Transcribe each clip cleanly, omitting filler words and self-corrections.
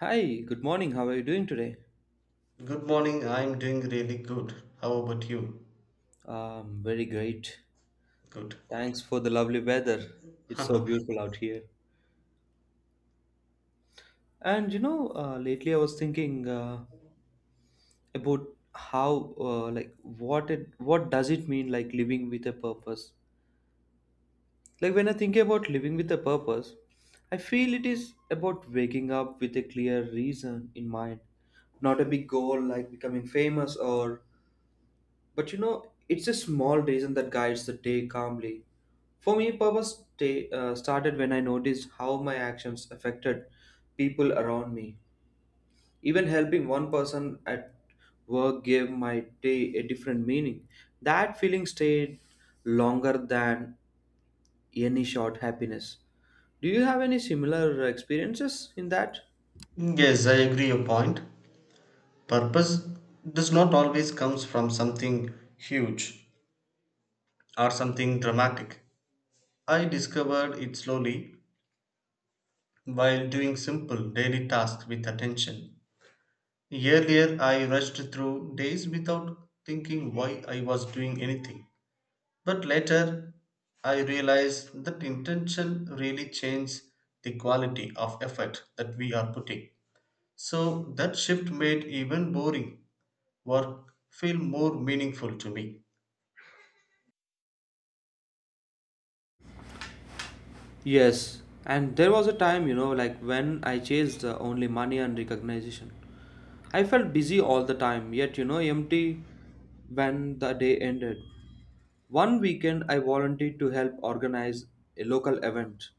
Hi, good morning. How are you doing today? Good morning. I'm doing really good. How about you? Very great. Good. Thanks for the lovely weather. It's so beautiful out here. Lately I was thinking about how, what does it mean, like, living with a purpose? Like, when I think about living with a purpose, I feel it is about waking up with a clear reason in mind, not a big goal like becoming famous or. But it's a small reason that guides the day calmly. For me, purpose day, started when I noticed how my actions affected people around me. Even helping one person at work gave my day a different meaning. That feeling stayed longer than any short happiness. Do you have any similar experiences in that? Yes, I agree your point. Purpose does not always comes from something huge or something dramatic. I discovered it slowly while doing simple daily tasks with attention. Earlier, I rushed through days without thinking why I was doing anything. But later, I realized that intention really changes the quality of effort that we are putting. So that shift made even boring work feel more meaningful to me. Yes, and there was a time, like when I chased only money and recognition. I felt busy all the time, yet, empty when the day ended. One weekend, I volunteered to help organize a local event.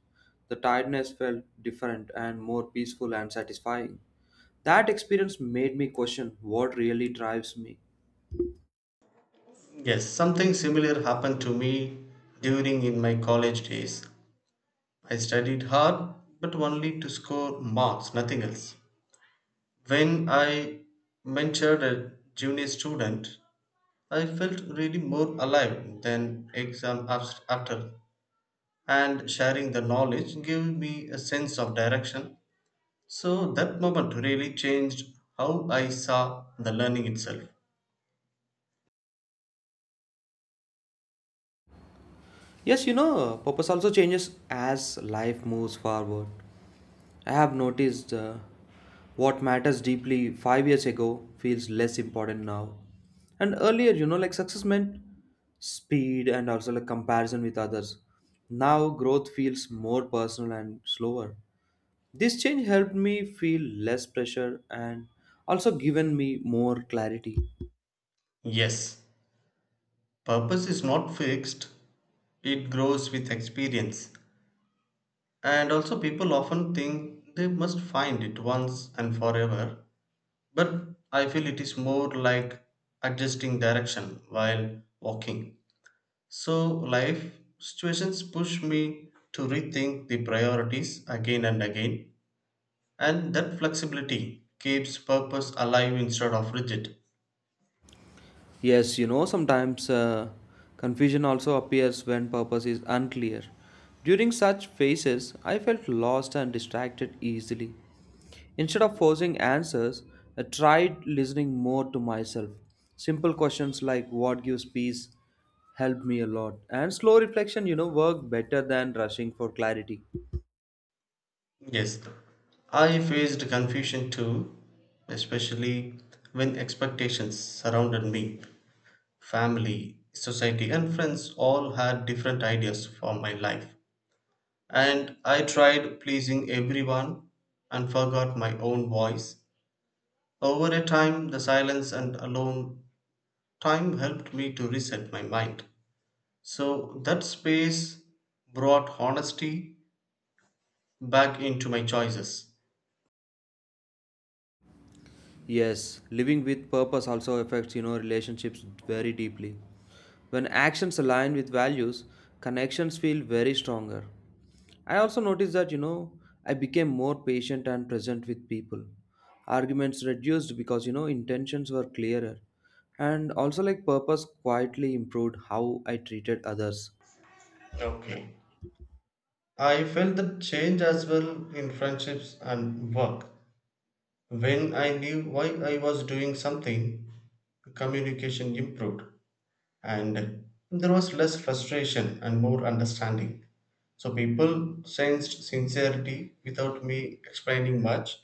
The tiredness felt different and more peaceful and satisfying. That experience made me question what really drives me. Yes, something similar happened to me during in my college days. I studied hard but only to score marks, nothing else. When I mentored a junior student, I felt really more alive than after, and sharing the knowledge gave me a sense of direction. So that moment really changed how I saw the learning itself. Yes, purpose also changes as life moves forward. I have noticed what matters deeply 5 years ago feels less important now. And earlier, like, success meant speed and also like comparison with others. Now, growth feels more personal and slower. This change helped me feel less pressure and also given me more clarity. Yes, purpose is not fixed, it grows with experience. And also, people often think they must find it once and forever, but I feel it is more like adjusting direction while walking. So, life situations push me to rethink the priorities again and again. And that flexibility keeps purpose alive instead of rigid. Yes, sometimes confusion also appears when purpose is unclear. During such phases, I felt lost and distracted easily. Instead of forcing answers, I tried listening more to myself. Simple questions like what gives peace helped me a lot, and slow reflection, worked better than rushing for clarity. Yes, I faced confusion too, especially when expectations surrounded me. Family, society, and friends all had different ideas for my life. And I tried pleasing everyone and forgot my own voice. Over a time, the silence and alone time helped me to reset my mind. So that space brought honesty back into my choices. Yes, living with purpose also affects, relationships very deeply. When actions align with values, connections feel very stronger. I also noticed that, I became more patient and present with people. Arguments reduced because, intentions were clearer. And also, like, purpose quietly improved how I treated others. Okay. I felt the change as well in friendships and work. When I knew why I was doing something, communication improved and there was less frustration and more understanding. So people sensed sincerity without me explaining much,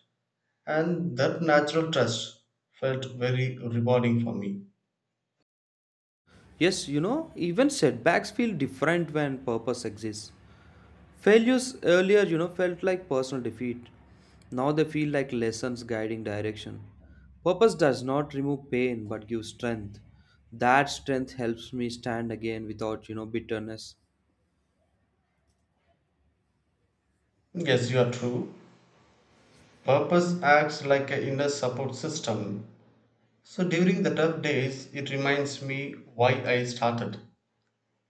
and that natural trust felt very rewarding for me. Yes, even setbacks feel different when purpose exists. Failures earlier, felt like personal defeat. Now they feel like lessons guiding direction. Purpose does not remove pain but gives strength. That strength helps me stand again without, bitterness. Yes, you are true. Purpose acts like an inner support system. So during the tough days, it reminds me why I started.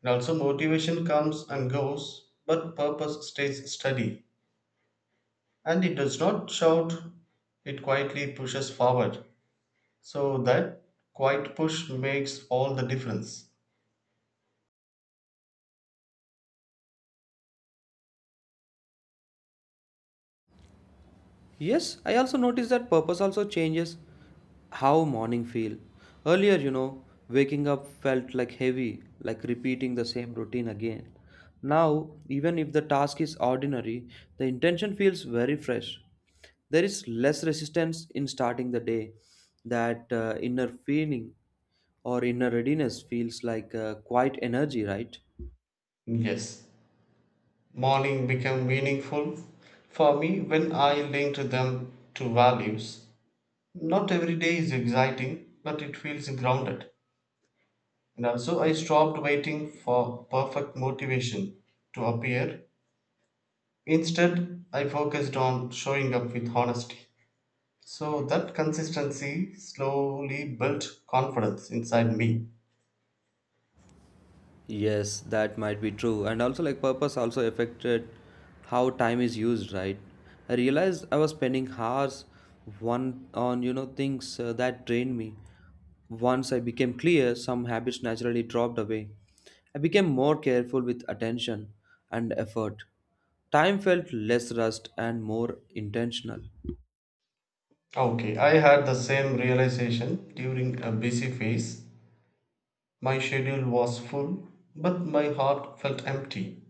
And also, motivation comes and goes, but purpose stays steady. And it does not shout, it quietly pushes forward. So that quiet push makes all the difference. Yes, I also notice that purpose also changes how morning feel. Earlier, waking up felt like heavy, like repeating the same routine again. Now, even if the task is ordinary, the intention feels very fresh. There is less resistance in starting the day. That inner feeling or inner readiness feels like quite energy, right? Yes, morning became meaningful for me when I linked them to values. Not every day is exciting, but it feels grounded. And also, I stopped waiting for perfect motivation to appear. Instead, I focused on showing up with honesty. So that consistency slowly built confidence inside me. Yes, that might be true. And also, like, purpose also affected how time is used, right? I realized I was spending hours one on, things that drained me. Once I became clear, some habits naturally dropped away. I became more careful with attention and effort. Time felt less rushed and more intentional. Okay, I had the same realization during a busy phase. My schedule was full, but my heart felt empty.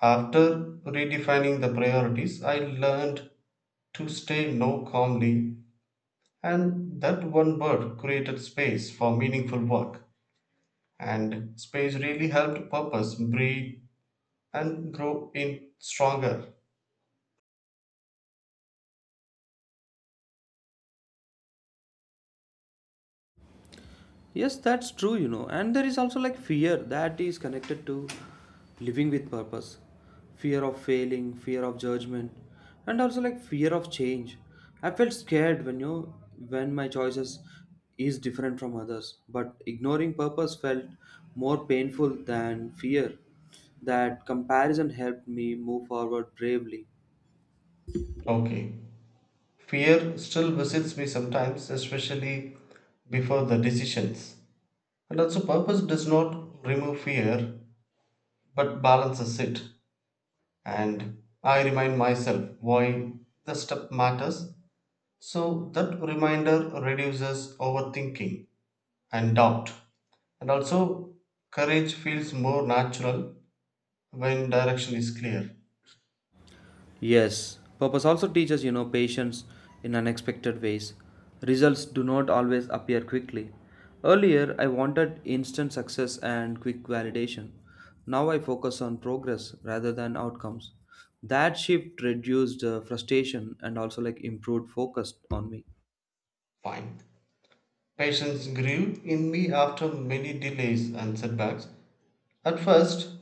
After redefining the priorities, I learned to stay no calmly. And that one bird created space for meaningful work, and space really helped purpose breathe and grow in stronger. Yes, that's true, you know. And there is also like fear that is connected to living with purpose, fear of failing, fear of judgment, and also like fear of change. I felt scared when my choices is different from others, but ignoring purpose felt more painful than fear. That comparison helped me move forward bravely. Okay. Fear still visits me sometimes, especially before the decisions. And also, purpose does not remove fear but balances it. And I remind myself why the step matters. So that reminder reduces overthinking and doubt. And also, courage feels more natural when direction is clear. Yes, purpose also teaches, patience in unexpected ways. Results do not always appear quickly. Earlier, I wanted instant success and quick validation. Now I focus on progress rather than outcomes. That shift reduced frustration and also like improved focus on me. Fine. Patience grew in me after many delays and setbacks. At first,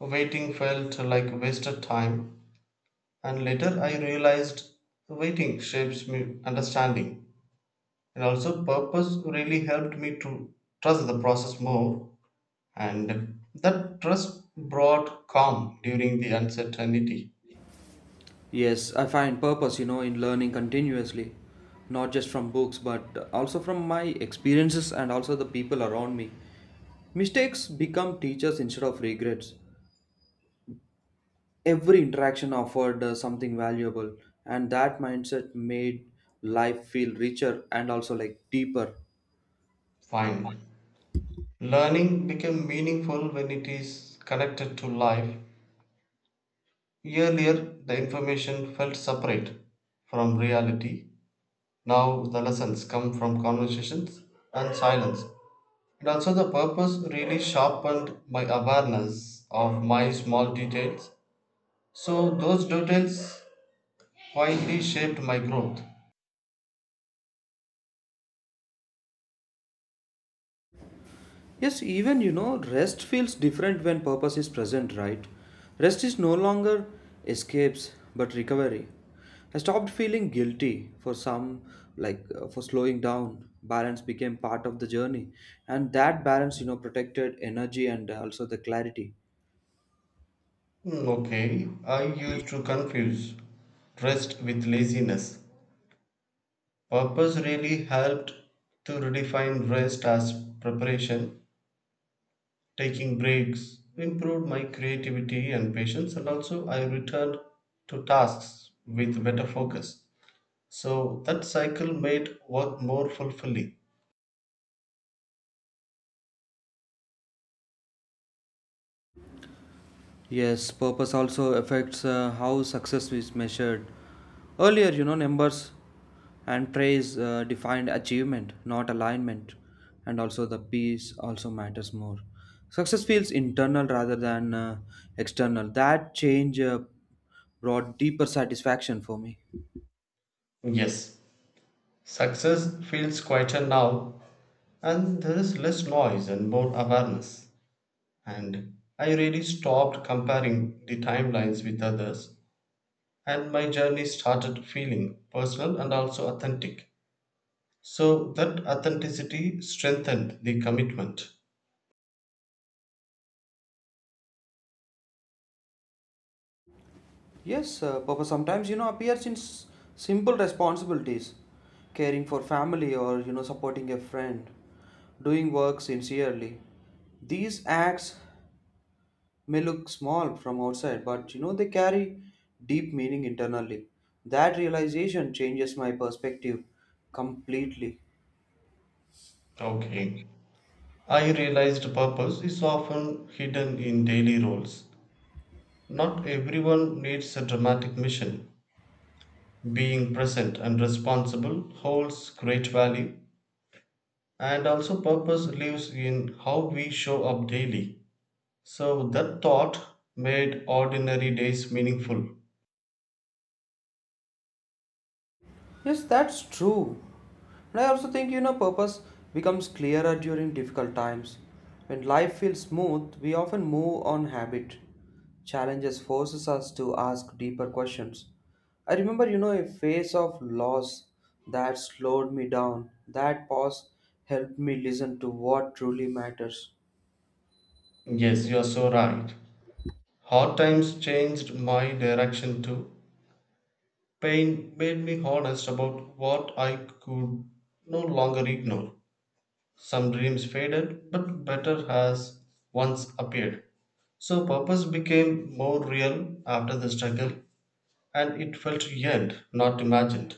waiting felt like wasted time, and later I realized waiting shapes me understanding. And also, purpose really helped me to trust the process more, and that trust brought calm during the uncertainty. Yes, I find purpose, in learning continuously, not just from books, but also from my experiences and also the people around me. Mistakes become teachers instead of regrets. Every interaction offered something valuable, and that mindset made life feel richer and also like deeper. Fine. Mm-hmm. Learning became meaningful when it is connected to life. Earlier, the information felt separate from reality. Now, the lessons come from conversations and silence. And also, the purpose really sharpened my awareness of my small details. So, those details quietly shaped my growth. Yes, even rest feels different when purpose is present, right? Rest is no longer escapes but recovery. I stopped feeling guilty for some, like for slowing down. Balance became part of the journey, and that balance, protected energy and also the clarity. Hmm, okay, I used to confuse rest with laziness. Purpose really helped to redefine rest as preparation. Taking breaks improved my creativity and patience, and also I returned to tasks with better focus. So that cycle made work more fulfilling. Yes, purpose also affects how success is measured. Earlier, numbers and praise defined achievement, not alignment, and also the peace also matters more. Success feels internal rather than external. That change brought deeper satisfaction for me. Yes, success feels quieter now, and there is less noise and more awareness. And I really stopped comparing the timelines with others and my journey started feeling personal and also authentic. So that authenticity strengthened the commitment. Yes, Papa sometimes appears in simple responsibilities, caring for family or supporting a friend, doing work sincerely. These acts may look small from outside, but they carry deep meaning internally. That realization changes my perspective completely. Okay. I realized purpose is often hidden in daily roles. Not everyone needs a dramatic mission. Being present and responsible holds great value, and also purpose lives in how we show up daily. So that thought made ordinary days meaningful. Yes, that's true. And I also think, purpose becomes clearer during difficult times. When life feels smooth, we often move on habit. Challenges forces us to ask deeper questions. I remember, a phase of loss that slowed me down. That pause helped me listen to what truly matters. Yes, you are so right. Hard times changed my direction too. Pain made me honest about what I could no longer ignore. Some dreams faded, but better has once appeared. So purpose became more real after the struggle and it felt earned, not imagined.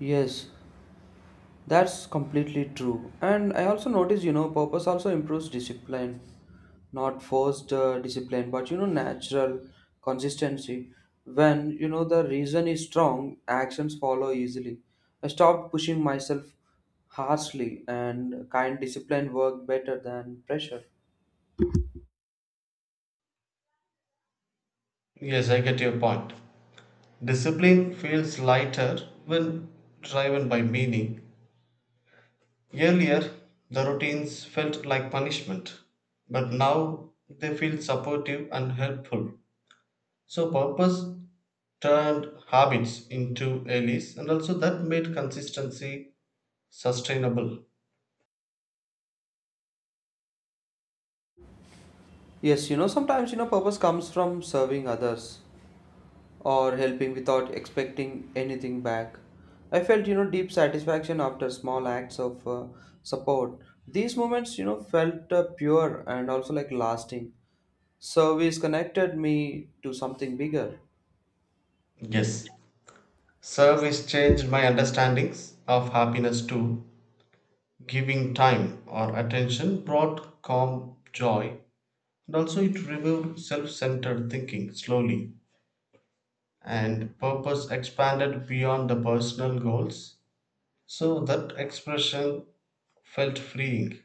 Yes, that's completely true. And I also noticed, purpose also improves discipline, not forced discipline, but natural consistency. When you know the reason is strong, actions follow easily. I stopped pushing myself harshly, and kind discipline worked better than pressure. Yes, I get your point. Discipline feels lighter when driven by meaning. Earlier, the routines felt like punishment, but now they feel supportive and helpful. So, purpose turned habits into allies, and also that made consistency sustainable. Yes, purpose comes from serving others or helping without expecting anything back. I felt, deep satisfaction after small acts of support. These moments, felt pure and also like lasting. Service connected me to something bigger. Yes, service changed my understandings of happiness too. Giving time or attention brought calm joy, and also it removed self centered thinking slowly. And purpose expanded beyond the personal goals. So that expression felt freeing.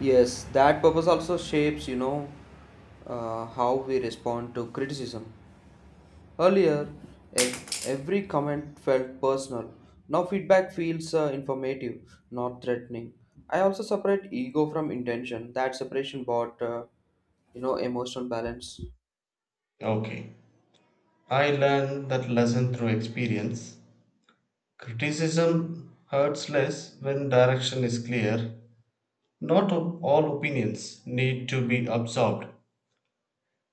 Yes, that purpose also shapes, how we respond to criticism. Earlier, every comment felt personal. Now, feedback feels informative, not threatening. I also separate ego from intention. That separation brought, emotional balance. Okay. I learned that lesson through experience. Criticism hurts less when direction is clear. Not o- all opinions need to be absorbed.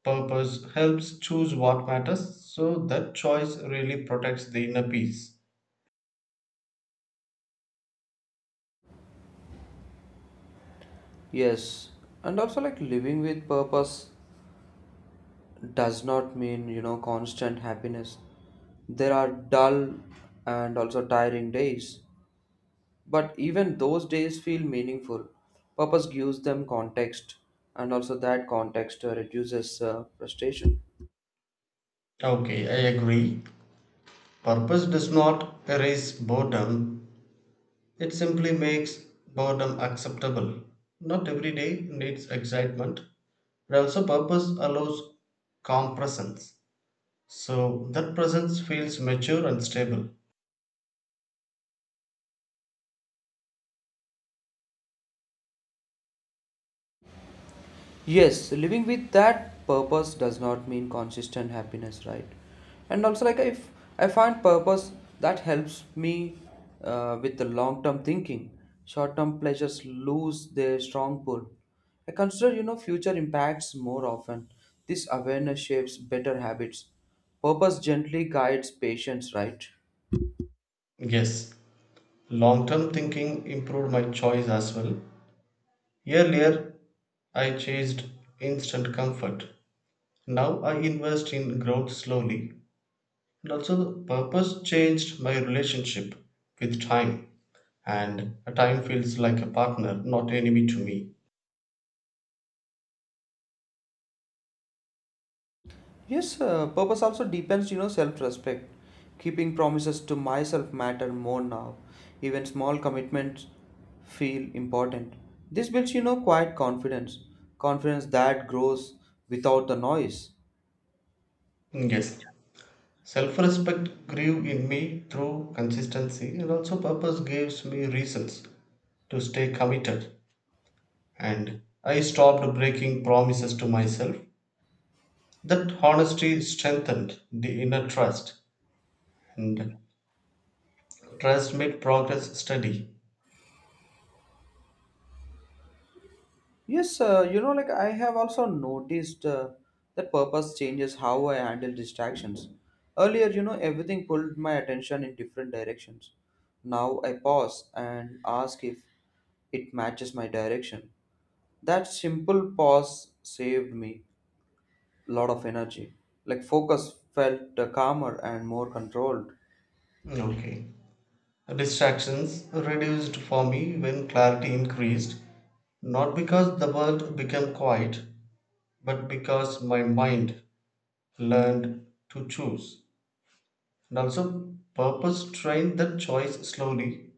Purpose helps choose what matters, so that choice really protects the inner peace. Yes, and also like living with purpose does not mean, constant happiness. There are dull and also tiring days. But even those days feel meaningful. Purpose gives them context, and also that context reduces frustration. Okay, I agree. Purpose does not erase boredom, it simply makes boredom acceptable. Not every day needs excitement, but also purpose allows calm presence. So that presence feels mature and stable. Yes, living with that purpose does not mean consistent happiness, right? And also, like, if I find purpose that helps me with the long-term thinking, short-term pleasures lose their strong pull. I consider, future impacts more often. This awareness shapes better habits. Purpose gently guides patience, right? Yes, long term thinking improved my choice as well. Earlier, I chased instant comfort. Now I invest in growth slowly. And also, the purpose changed my relationship with time, and time feels like a partner, not enemy to me. Yes, purpose also depends, self-respect. Keeping promises to myself matter more now. Even small commitments feel important. This builds, quiet confidence. Confidence that grows without the noise. Yes, self respect grew in me through consistency, and also purpose gives me reasons to stay committed. And I stopped breaking promises to myself. That honesty strengthened the inner trust, and trust made progress steady. Yes, I have also noticed that purpose changes how I handle distractions. Earlier, everything pulled my attention in different directions. Now I pause and ask if it matches my direction. That simple pause saved me a lot of energy. Like focus felt calmer and more controlled. Okay. Distractions reduced for me when clarity increased, not because the world became quiet, but because my mind learned to choose. And also, purpose trained that choice slowly,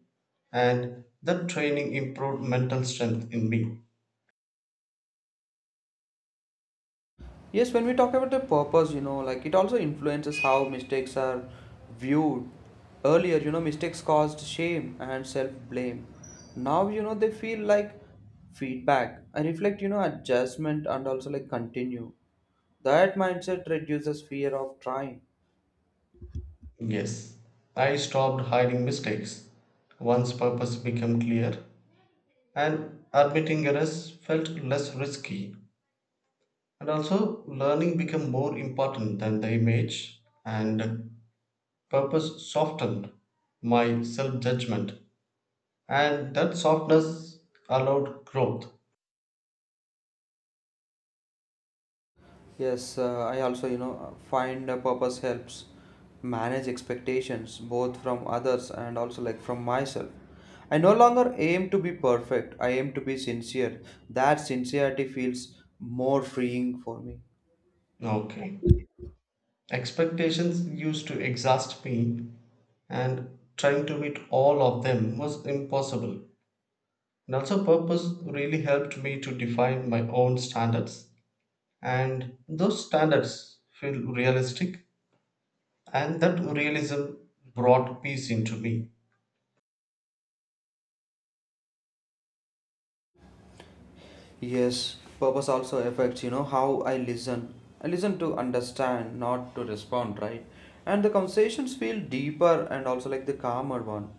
and that training improved mental strength in me. Yes, when we talk about the purpose, like it also influences how mistakes are viewed. Earlier, mistakes caused shame and self blame. Now, they feel like feedback and reflect, adjustment and also like continue. That mindset reduces fear of trying. Yes, I stopped hiding mistakes once purpose became clear, and admitting errors felt less risky. And also, learning became more important than the image, and purpose softened my self judgment, and that softness allowed growth. Yes, I also, find a purpose helps manage expectations both from others and also like from myself. I no longer aim to be perfect, I aim to be sincere. That sincerity feels more freeing for me. Okay. Expectations used to exhaust me, and trying to meet all of them was impossible. And also, purpose really helped me to define my own standards, and those standards feel realistic, and that realism brought peace into me. Yes, purpose also affects, how I listen. I listen to understand, not to respond, right? And the conversations feel deeper and also like the calmer one.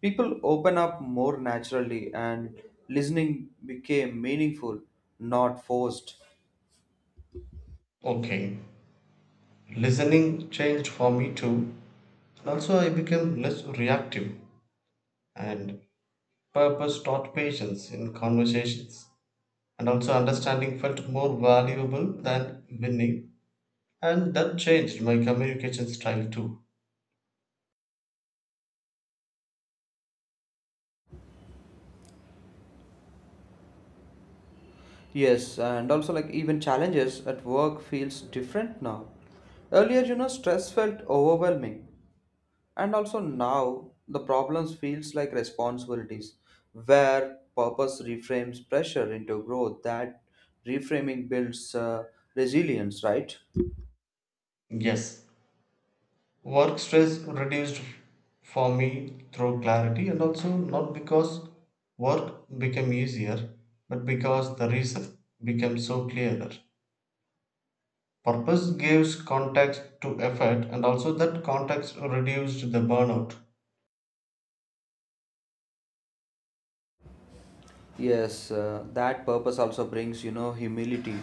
People open up more naturally and listening became meaningful, not forced. Okay, listening changed for me too. And also, I became less reactive, and purpose taught patience in conversations, and also understanding felt more valuable than winning. And that changed my communication style too. Yes, and also like even challenges at work feels different now. Earlier, stress felt overwhelming. And also now the problems feels like responsibilities where purpose reframes pressure into growth that reframing builds resilience, right? Yes, work stress reduced for me through clarity and also not because work became easier, but because the reason became so clearer. Purpose gives context to effort and also that context reduced the burnout. Yes, that purpose also brings, humility,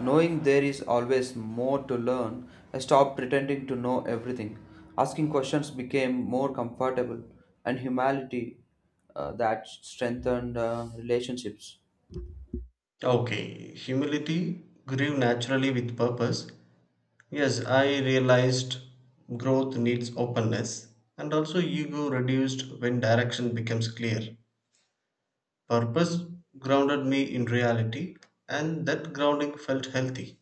knowing there is always more to learn. I stopped pretending to know everything. Asking questions became more comfortable, and humility, that strengthened relationships. Okay, humility grew naturally with purpose. Yes, I realized growth needs openness and also ego reduced when direction becomes clear. Purpose grounded me in reality and that grounding felt healthy.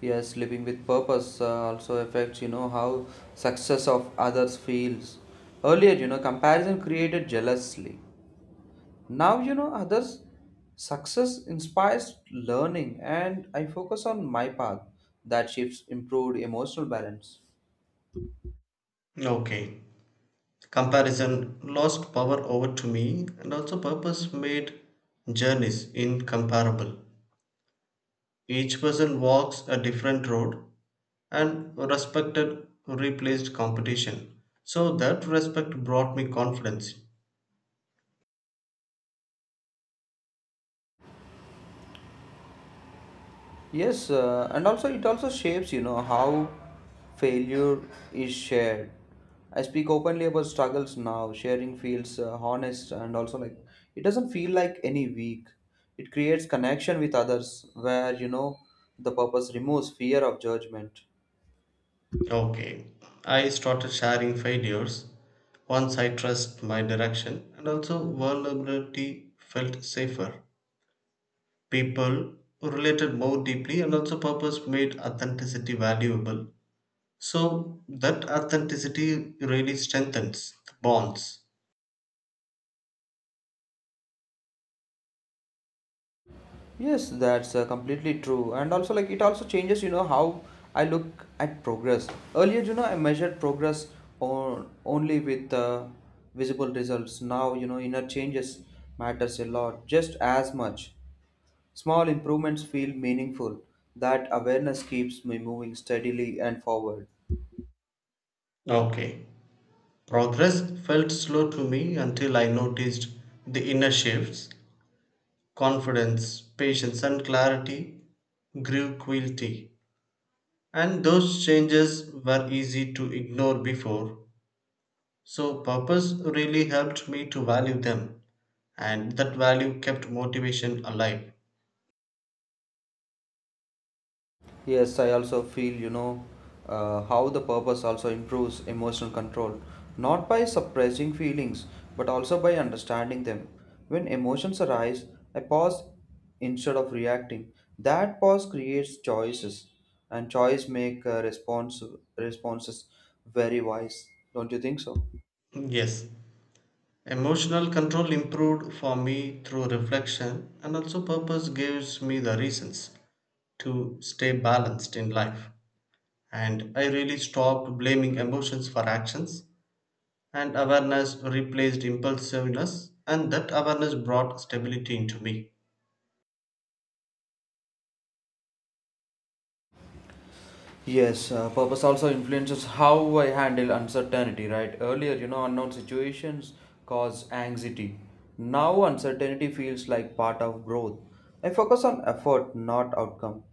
Yes, living with purpose also affects, how success of others feels. Earlier, comparison created jealousy. Now, others' success inspires learning, and I focus on my path. That shifts improved emotional balance. Okay. Comparison lost power over to me and also purpose made journeys incomparable. Each person walks a different road and respected replaced competition. So that respect brought me confidence. Yes, and also it also shapes, how failure is shared. I speak openly about struggles now. Sharing feels honest and also like it doesn't feel like any weak. It creates connection with others where, the purpose removes fear of judgment. Okay, I started sharing failures once I trust my direction and also vulnerability felt safer. People related more deeply and also purpose made authenticity valuable. So that authenticity really strengthens the bonds. Yes, that's completely true. And also, like, it also changes, how I look at progress. Earlier, I measured progress on, only with visible results. Now, inner changes matters a lot, just as much. Small improvements feel meaningful. That awareness keeps me moving steadily and forward. Okay, progress felt slow to me until I noticed the inner shifts, confidence, patience, and clarity grew quickly. And those changes were easy to ignore before, so purpose really helped me to value them, and that value kept motivation alive. Yes, I also feel, how the purpose also improves emotional control, not by suppressing feelings, but also by understanding them. When emotions arise, I pause instead of reacting. That pause creates choices, and choice make responses very wise. Don't you think so? Yes, emotional control improved for me through reflection, and also purpose gives me the reasons to stay balanced in life. And I really stopped blaming emotions for actions, and awareness replaced impulsiveness, and that awareness brought stability into me. Yes, purpose also influences how I handle uncertainty, right? Earlier, unknown situations cause anxiety. Now, uncertainty feels like part of growth. I focus on effort, not outcome.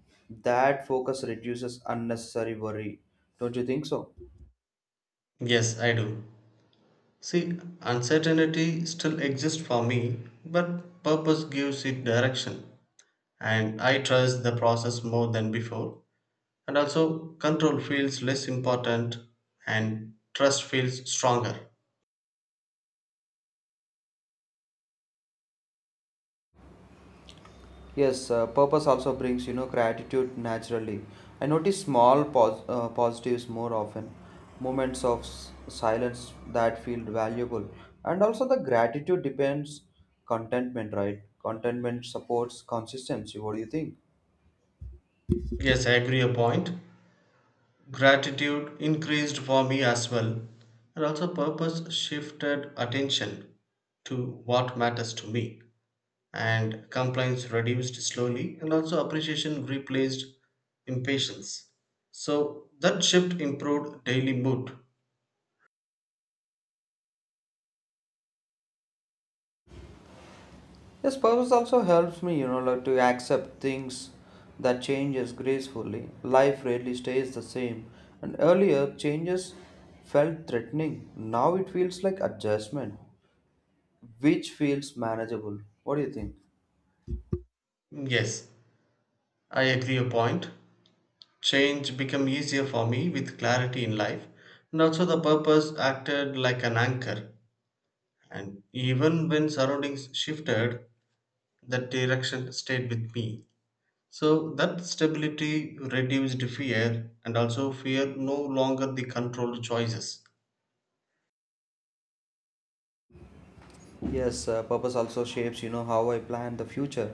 That focus reduces unnecessary worry. Don't you think so? Yes, I do. See, uncertainty still exists for me, but purpose gives it direction, and I trust the process more than before. And also, control feels less important, and trust feels stronger. Yes, purpose also brings, gratitude naturally. I notice small positives more often, moments of silence that feel valuable. And also, the gratitude depends contentment, right? Contentment supports consistency. What do you think? Yes, I agree a point. Gratitude increased for me as well, and also, purpose shifted attention to what matters to me. And complaints reduced slowly and also appreciation replaced impatience. So that shift improved daily mood. Yes, purpose also helps me, like to accept things that changes gracefully. Life rarely stays the same. And earlier, changes felt threatening. Now it feels like adjustment, which feels manageable. What do you think? Yes, I agree your point. Change became easier for me with clarity in life and also the purpose acted like an anchor, and even when surroundings shifted that direction stayed with me. So that stability reduced fear and also fear no longer the controlled choices. Yes, purpose also shapes, how I plan the future.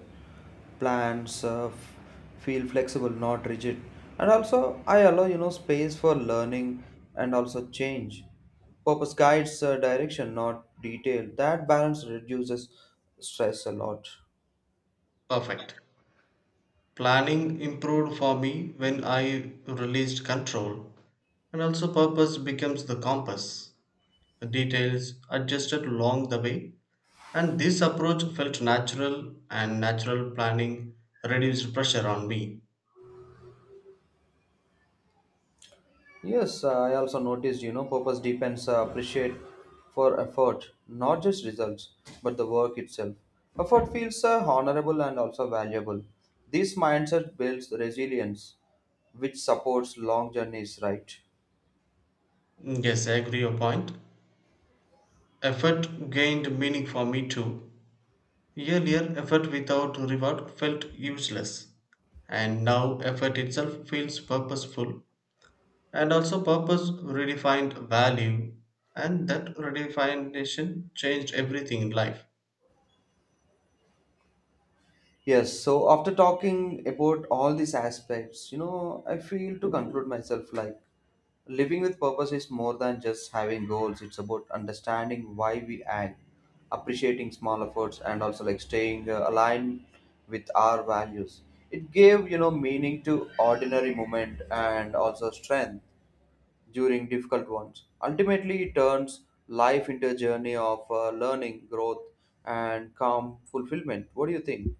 Plans feel flexible, not rigid. And also, I allow, space for learning and also change. Purpose guides direction, not detail. That balance reduces stress a lot. Perfect. Planning improved for me when I released control, and also purpose becomes the compass. The details adjusted along the way, and this approach felt natural, and natural planning reduced pressure on me. Yes, I also noticed, purpose depends appreciate for effort, not just results, but the work itself. Effort feels honorable and also valuable. This mindset builds resilience, which supports long journeys, right? Mm, yes, I agree your point. Effort gained meaning for me too. Earlier, effort without reward felt useless, and now effort itself feels purposeful and also purpose redefined value, and that redefinition changed everything in life. Yes, so after talking about all these aspects, I feel to conclude myself like living with purpose is more than just having goals. It's about understanding why we act, appreciating small efforts, and also like staying aligned with our values. It gave, meaning to ordinary moment and also strength during difficult ones. Ultimately, it turns life into a journey of learning, growth, and calm fulfillment. What do you think?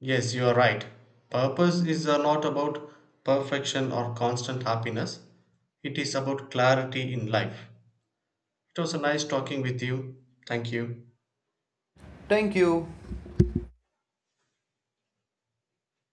Yes, you are right. Purpose is not about perfection or constant happiness, it is about clarity in life. It was a nice talking with you. Thank you. Thank you.